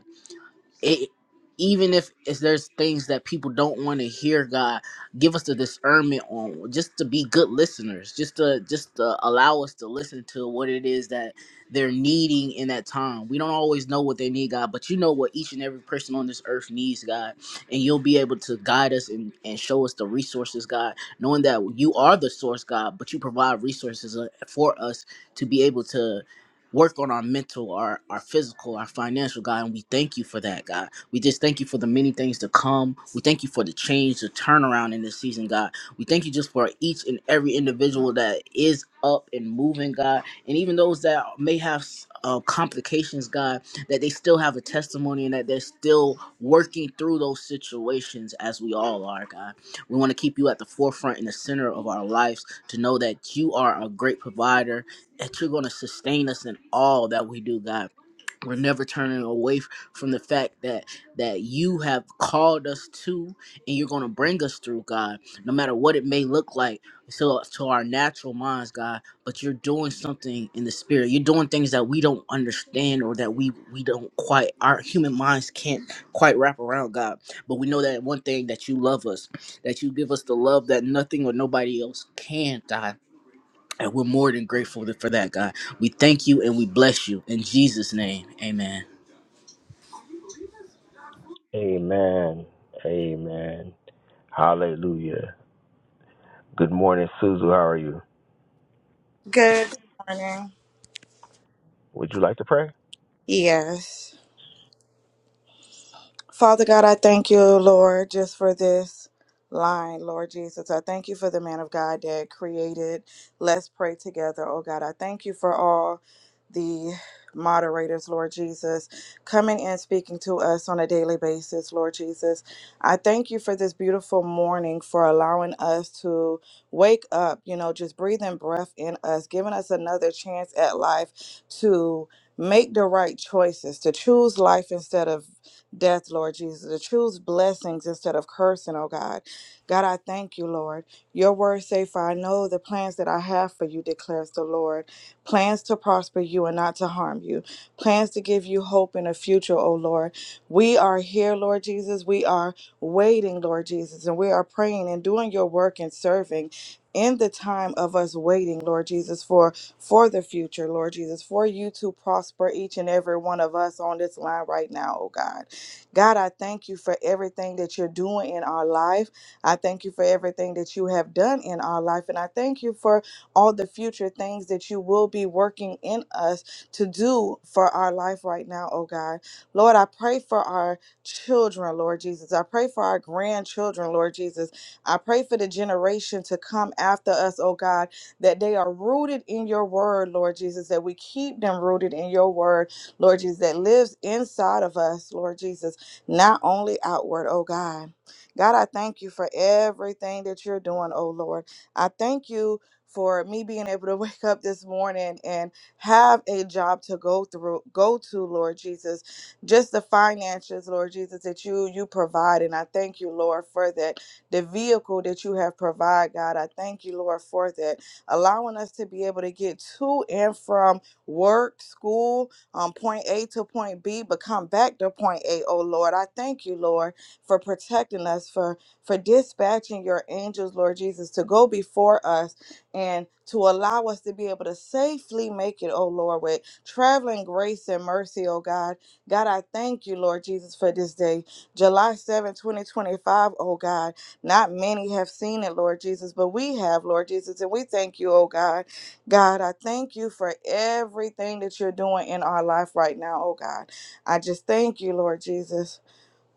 Speaker 3: it even if if there's things that people don't want to hear god give us the discernment on just to be good listeners just to just to allow us to listen to what it is that they're needing in that time we don't always know what they need god but you know what each and every person on this earth needs god and you'll be able to guide us and, and show us the resources god knowing that you are the source god but you provide resources uh, for us to be able to work on our mental, our our physical, our financial, God, and we thank you for that, God. We just thank you for the many things to come. We thank you for the change, the turnaround in this season, God. We thank you just for each and every individual that is up and moving, God, and even those that may have uh, complications, God, that they still have a testimony and that they're still working through those situations as we all are, God. We want to keep you at the forefront and the center of our lives to know that you are a great provider that you're going to sustain us in all that we do god we're never turning away from the fact that that you have called us to and you're going to bring us through god no matter what it may look like to to our natural minds god but you're doing something in the spirit you're doing things that we don't understand or that we we don't quite our human minds can't quite wrap around god but we know that one thing that you love us that you give us the love that nothing or nobody else can god and we're more than grateful for that, God. We thank you and we bless you. In Jesus' name, amen.
Speaker 1: Amen. Amen. Hallelujah. Good morning, Suzu. How are you?
Speaker 4: Good morning.
Speaker 1: Would you like to pray?
Speaker 4: Yes. Father God, I thank you, Lord, just for this line, Lord Jesus. I thank you for the man of God that created Let's Pray Together, oh God. I thank you for all the moderators, Lord Jesus, coming and speaking to us on a daily basis, Lord Jesus. I thank you for this beautiful morning for allowing us to wake up, you know, just breathing breath in us, giving us another chance at life to make the right choices, to choose life instead of death, Lord Jesus, to choose blessings instead of cursing, oh God. God, I thank you, Lord. Your word say, For I know the plans that I have for you, declares the Lord. Plans to prosper you and not to harm you. Plans to give you hope in a future, oh Lord. We are here, Lord Jesus. We are waiting, Lord Jesus, and we are praying and doing your work and serving. In the time of us waiting, Lord Jesus, for for the future, Lord Jesus, for you to prosper each and every one of us on this line right now, oh God. God, I thank you for everything that you're doing in our life. I thank you for everything that you have done in our life. And I thank you for all the future things that you will be working in us to do for our life right now, oh God. Lord, I pray for our children, Lord Jesus. I pray for our grandchildren, Lord Jesus. I pray for the generation to come after us, oh God, that they are rooted in your word, Lord Jesus, that we keep them rooted in your word, Lord Jesus, that lives inside of us, Lord Jesus not only outward, oh God. God, I thank you for everything that you're doing, oh Lord. I thank you for me being able to wake up this morning and have a job to go through, go to, Lord Jesus. Just the finances, Lord Jesus, that you you provide. And I thank you, Lord, for that. The vehicle that you have provided, God. I thank you, Lord, for that. Allowing us to be able to get to and from work, school, um, point A to point B, but come back to point A. Oh Lord, I thank you, Lord, for protecting us, for for dispatching your angels, Lord Jesus, to go before us and to allow us to be able to safely make it, oh Lord, with traveling grace and mercy, oh God. God, I thank you, Lord Jesus, for this day, July 7, 2025, oh God. Not many have seen it, Lord Jesus, but we have, Lord Jesus, and we thank you, oh God. God, I thank you for everything that you're doing in our life right now, oh God. I just thank you, Lord Jesus.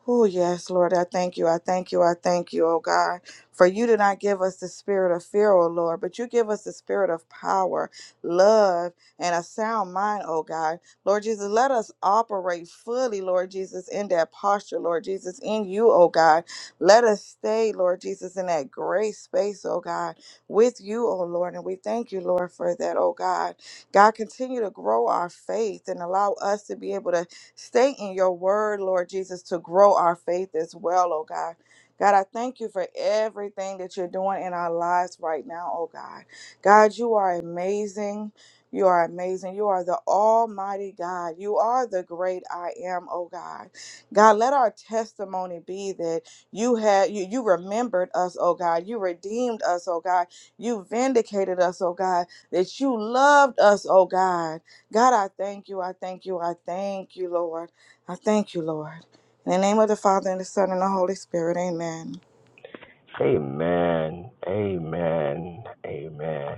Speaker 4: Oh, yes, Lord, I thank you. I thank you. I thank you, oh God. For you did not give us the spirit of fear, oh Lord, but you give us the spirit of power, love, and a sound mind, oh God. Lord Jesus, let us operate fully, Lord Jesus, in that posture, Lord Jesus, in you, oh God. Let us stay, Lord Jesus, in that great space, oh God, with you, oh Lord. And we thank you, Lord, for that, oh God. God, continue to grow our faith and allow us to be able to Stay in your word, Lord Jesus, to grow our faith as well, oh God. God, I thank you for everything that you're doing in our lives right now, oh God. God, you are amazing. You are amazing. You are the Almighty God. You are the great I am, oh God. God, let our testimony be that you had you, you remembered us, oh God. You redeemed us, oh God. You vindicated us, oh God. That you loved us, oh God. God, I thank you. I thank you. I thank you, Lord. I thank you, Lord. In the name of the Father, and the Son, and the Holy Spirit, amen.
Speaker 1: Amen. Amen. Amen.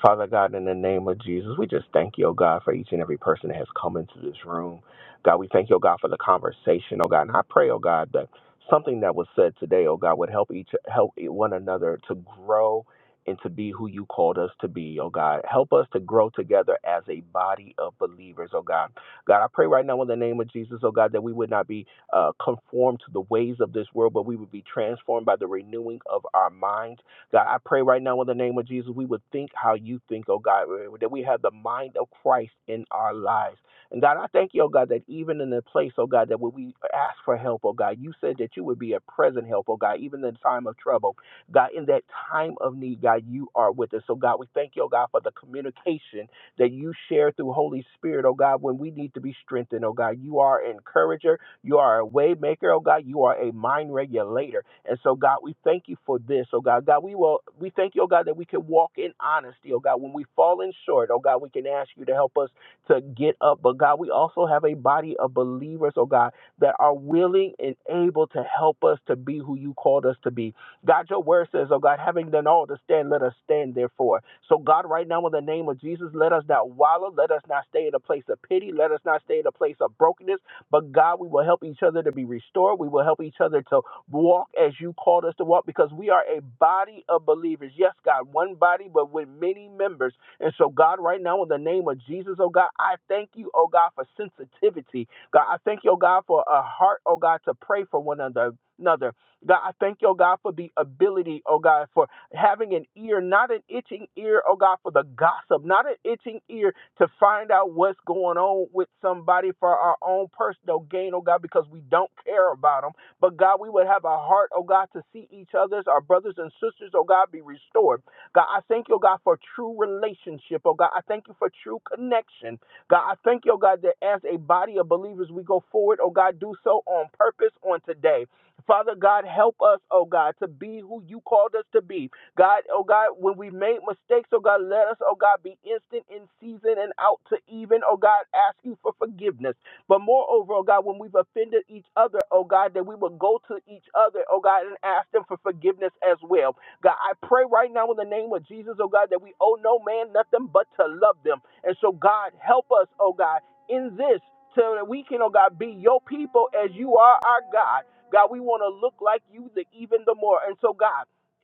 Speaker 1: Father God, in the name of Jesus, we just thank you, oh God, for each and every person that has come into this room. God, we thank you, oh God, for the conversation, oh God. And I pray, oh God, that something that was said today, oh God, would help each help one another to grow and to be who you called us to be, oh God. Help us to grow together as a body of believers, oh God. God, I pray right now in the name of Jesus, oh God, that we would not be uh, conformed to the ways of this world, but we would be transformed by the renewing of our minds God, I pray right now in the name of Jesus, we would think how you think, oh God, eh, that we have the mind of Christ in our lives. And God, I thank you, oh God, that even in the place, oh God, that when we ask for help, oh God, you said that you would be a present help, oh God, even in the time of trouble. God, in that time of need, God, you are with us. So God, we thank you, oh God, for the communication that you share through Holy Spirit, oh God, when we need to be strengthened, oh God. You are an encourager. You are a way maker, oh God. You are a mind regulator. And so, God, we thank you for this, oh God. God, we will we thank you, oh God, that we can walk in honesty, oh God. When we fall in short, oh God, we can ask you to help us to get up. But God, we also have a body of believers, oh God, that are willing and able to help us to be who you called us to be. God, your word says, oh God, having done all to stand, let us stand therefore. So, God, right now, in the name of Jesus, let us not wallow. Let us not stay in a place of pity. Let us not stay in a place of brokenness but God, we will help each other to be restored. We will help each other to walk as you called us to walk because we are a body of believers. Yes, God, one body, but with many members. And so, God, right now, in the name of Jesus, oh God, I thank you, oh God, for sensitivity. God, I thank you, oh God, for a heart, oh God, to pray for one another. Another. God, I thank you, oh God, for the ability, oh God, for having an ear, not an itching ear, oh God, for the gossip, not an itching ear to find out what's going on with somebody for our own personal gain, oh God, because we don't care about them. But God, we would have a heart, oh God, to see each other's, our brothers and sisters, oh God, be restored. God, I thank you, oh God, for true relationship, oh God. I thank you for true connection. God, I thank you, oh God, that as a body of believers, we go forward, oh God, do so on purpose on today. Father God, help us, oh God, to be who you called us to be. God, oh God, when we made mistakes, oh God, let us, oh God, be instant in season and out to even, oh God, ask you for forgiveness. But moreover, oh God, when we've offended each other, oh God, that we will go to each other, oh God, and ask them for forgiveness as well. God, I pray right now in the name of Jesus, oh God, that we owe no man nothing but to love them. And so, God, help us, oh God, in this so that we can, oh God, be your people as you are our God. God, we want to look like you the, even the more. And so, God,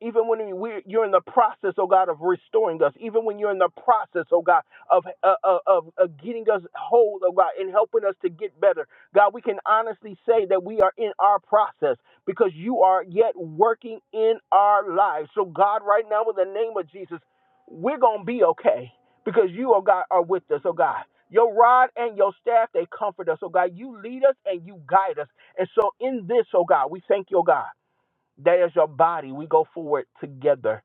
Speaker 1: even when we, you're in the process, oh God, of restoring us, even when you're in the process, oh God, of, uh, uh, of, of getting us whole, oh God, and helping us to get better, God, we can honestly say that we are in our process because you are yet working in our lives. So, God, right now, in the name of Jesus, we're going to be okay because you, oh God, are with us, oh God. Your rod and your staff, they comfort us, oh God. You lead us and you guide us. And so, in this, oh God, we thank you, oh God. That is your body. We go forward together.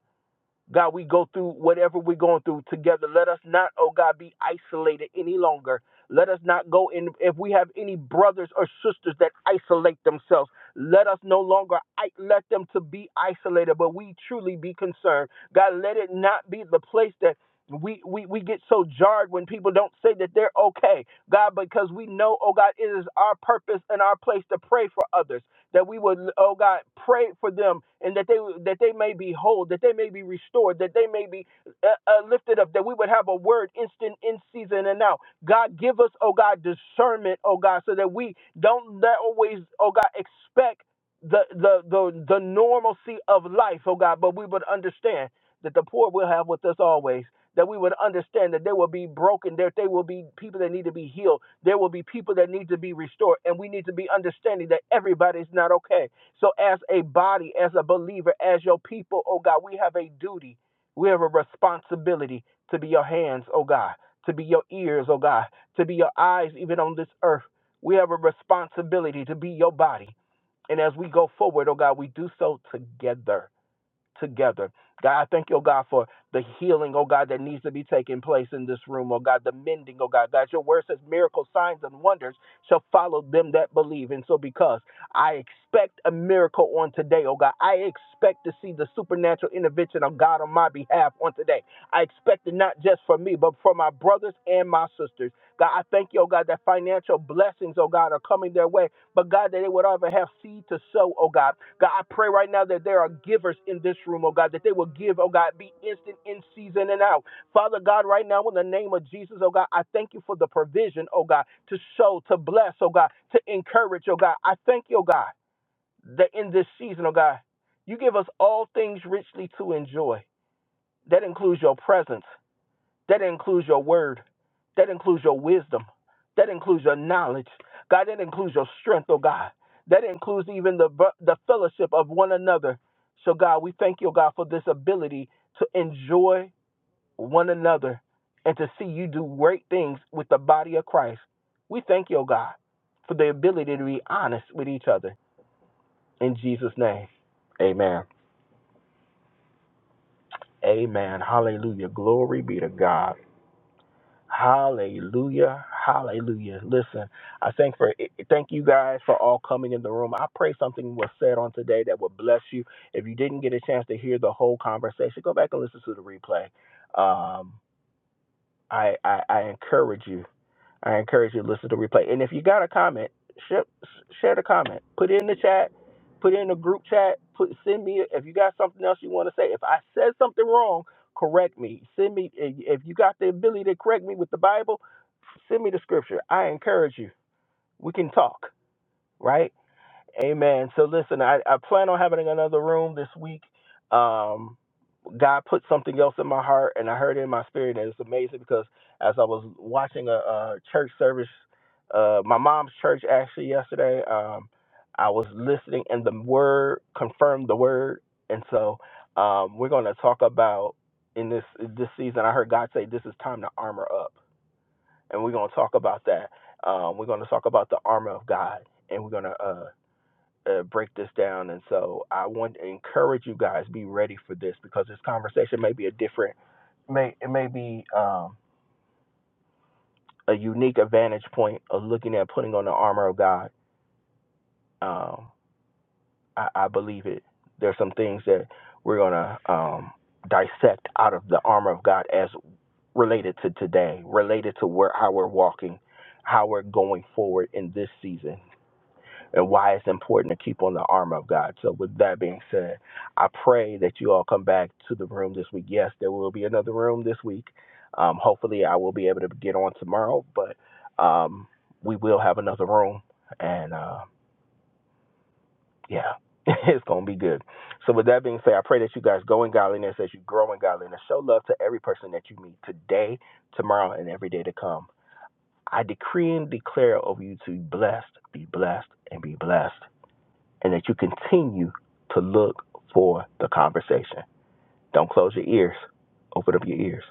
Speaker 1: God, we go through whatever we're going through together. Let us not, oh God, be isolated any longer. Let us not go in. If we have any brothers or sisters that isolate themselves, let us no longer I, let them to be isolated, but we truly be concerned. God, let it not be the place that we, we, we get so jarred when people don't say that they're okay, God, because we know, oh God, it is our purpose and our place to pray for others that we would, oh God, pray for them, and that they that they may be whole, that they may be restored, that they may be uh, uh, lifted up, that we would have a word instant in season and out. God, give us, oh God, discernment, oh God, so that we don't let always, oh God, expect the the the the normalcy of life, oh God, but we would understand that the poor will have with us always that we would understand that there will be broken, that there will be people that need to be healed, there will be people that need to be restored, and we need to be understanding that everybody's not okay. So, as a body, as a believer, as your people, oh God, we have a duty, we have a responsibility to be your hands, oh God, to be your ears, oh God, to be your eyes, even on this earth. We have a responsibility to be your body. And as we go forward, oh God, we do so together together. God, I thank you, oh God, for the healing, oh God, that needs to be taking place in this room, oh God, the mending, oh God. God, your word says miracles, signs, and wonders shall follow them that believe. And so, because I expect a miracle on today, oh God, I expect to see the supernatural intervention of God on my behalf on today. I expect it not just for me, but for my brothers and my sisters. God, I thank you, oh God, that financial blessings, oh God, are coming their way, but God, that they would ever have seed to sow, oh God. God, I pray right now that there are givers in this room, oh God, that they will give, oh God, be instant in season and out. Father God, right now in the name of Jesus, oh God, I thank you for the provision, oh God, to sow, to bless, oh God, to encourage, oh God. I thank you, oh God, that in this season, oh God, you give us all things richly to enjoy. That includes your presence. That includes your word. That includes your wisdom. That includes your knowledge. God, that includes your strength, oh God. That includes even the, the fellowship of one another. So, God, we thank you, oh God, for this ability to enjoy one another and to see you do great things with the body of Christ. We thank you, oh God, for the ability to be honest with each other. In Jesus' name, amen. Amen. Hallelujah. Glory be to God. Hallelujah. Hallelujah. Listen, I thank for thank you guys for all coming in the room. I pray something was said on today that would bless you. If you didn't get a chance to hear the whole conversation, go back and listen to the replay. Um, I, I I encourage you. I encourage you to listen to the replay. And if you got a comment, share, share the comment. Put it in the chat. Put it in the group chat. Put send me if you got something else you want to say. If I said something wrong, correct me. Send me if if you got the ability to correct me with the Bible, send me the scripture. I encourage you. We can talk, right? Amen. So listen, I, I plan on having another room this week. Um, God put something else in my heart, and I heard it in my spirit, and it's amazing because as I was watching a, a church service, uh, my mom's church actually yesterday, um, I was listening, and the word confirmed the word, and so um, we're going to talk about in this this season. I heard God say, "This is time to armor up," and we're going to talk about that. Um, we're going to talk about the armor of God, and we're going to. uh, uh, break this down. And so I want to encourage you guys be ready for this because this conversation may be a different, may it may be um, a unique advantage point of looking at putting on the armor of God. Um, I, I believe it. There's some things that we're gonna um, dissect out of the armor of God as related to today, related to where how we're walking, how we're going forward in this season. and why it's important to keep on the armor of God. So, with that being said, I pray that you all come back to the room this week. Yes, there will be another room this week. Um, hopefully, I will be able to get on tomorrow, but um, we will have another room. And uh, yeah, it's going to be good. So, with that being said, I pray that you guys go in godliness as you grow in godliness. Show love to every person that you meet today, tomorrow, and every day to come. I decree and declare over you to be blessed, be blessed, and be blessed and that you continue to look for the conversation. Don't close your ears. Open up your ears.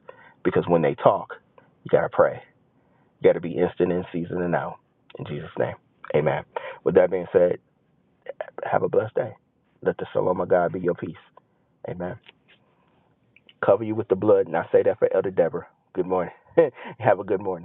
Speaker 1: Because when they talk, you got to pray. You got to be instant in season and out. In Jesus' name, amen. With that being said, have a blessed day. Let the shalom of God be your peace. Amen. Cover you with the blood. And I say that for Elder Deborah. Good morning. have a good morning.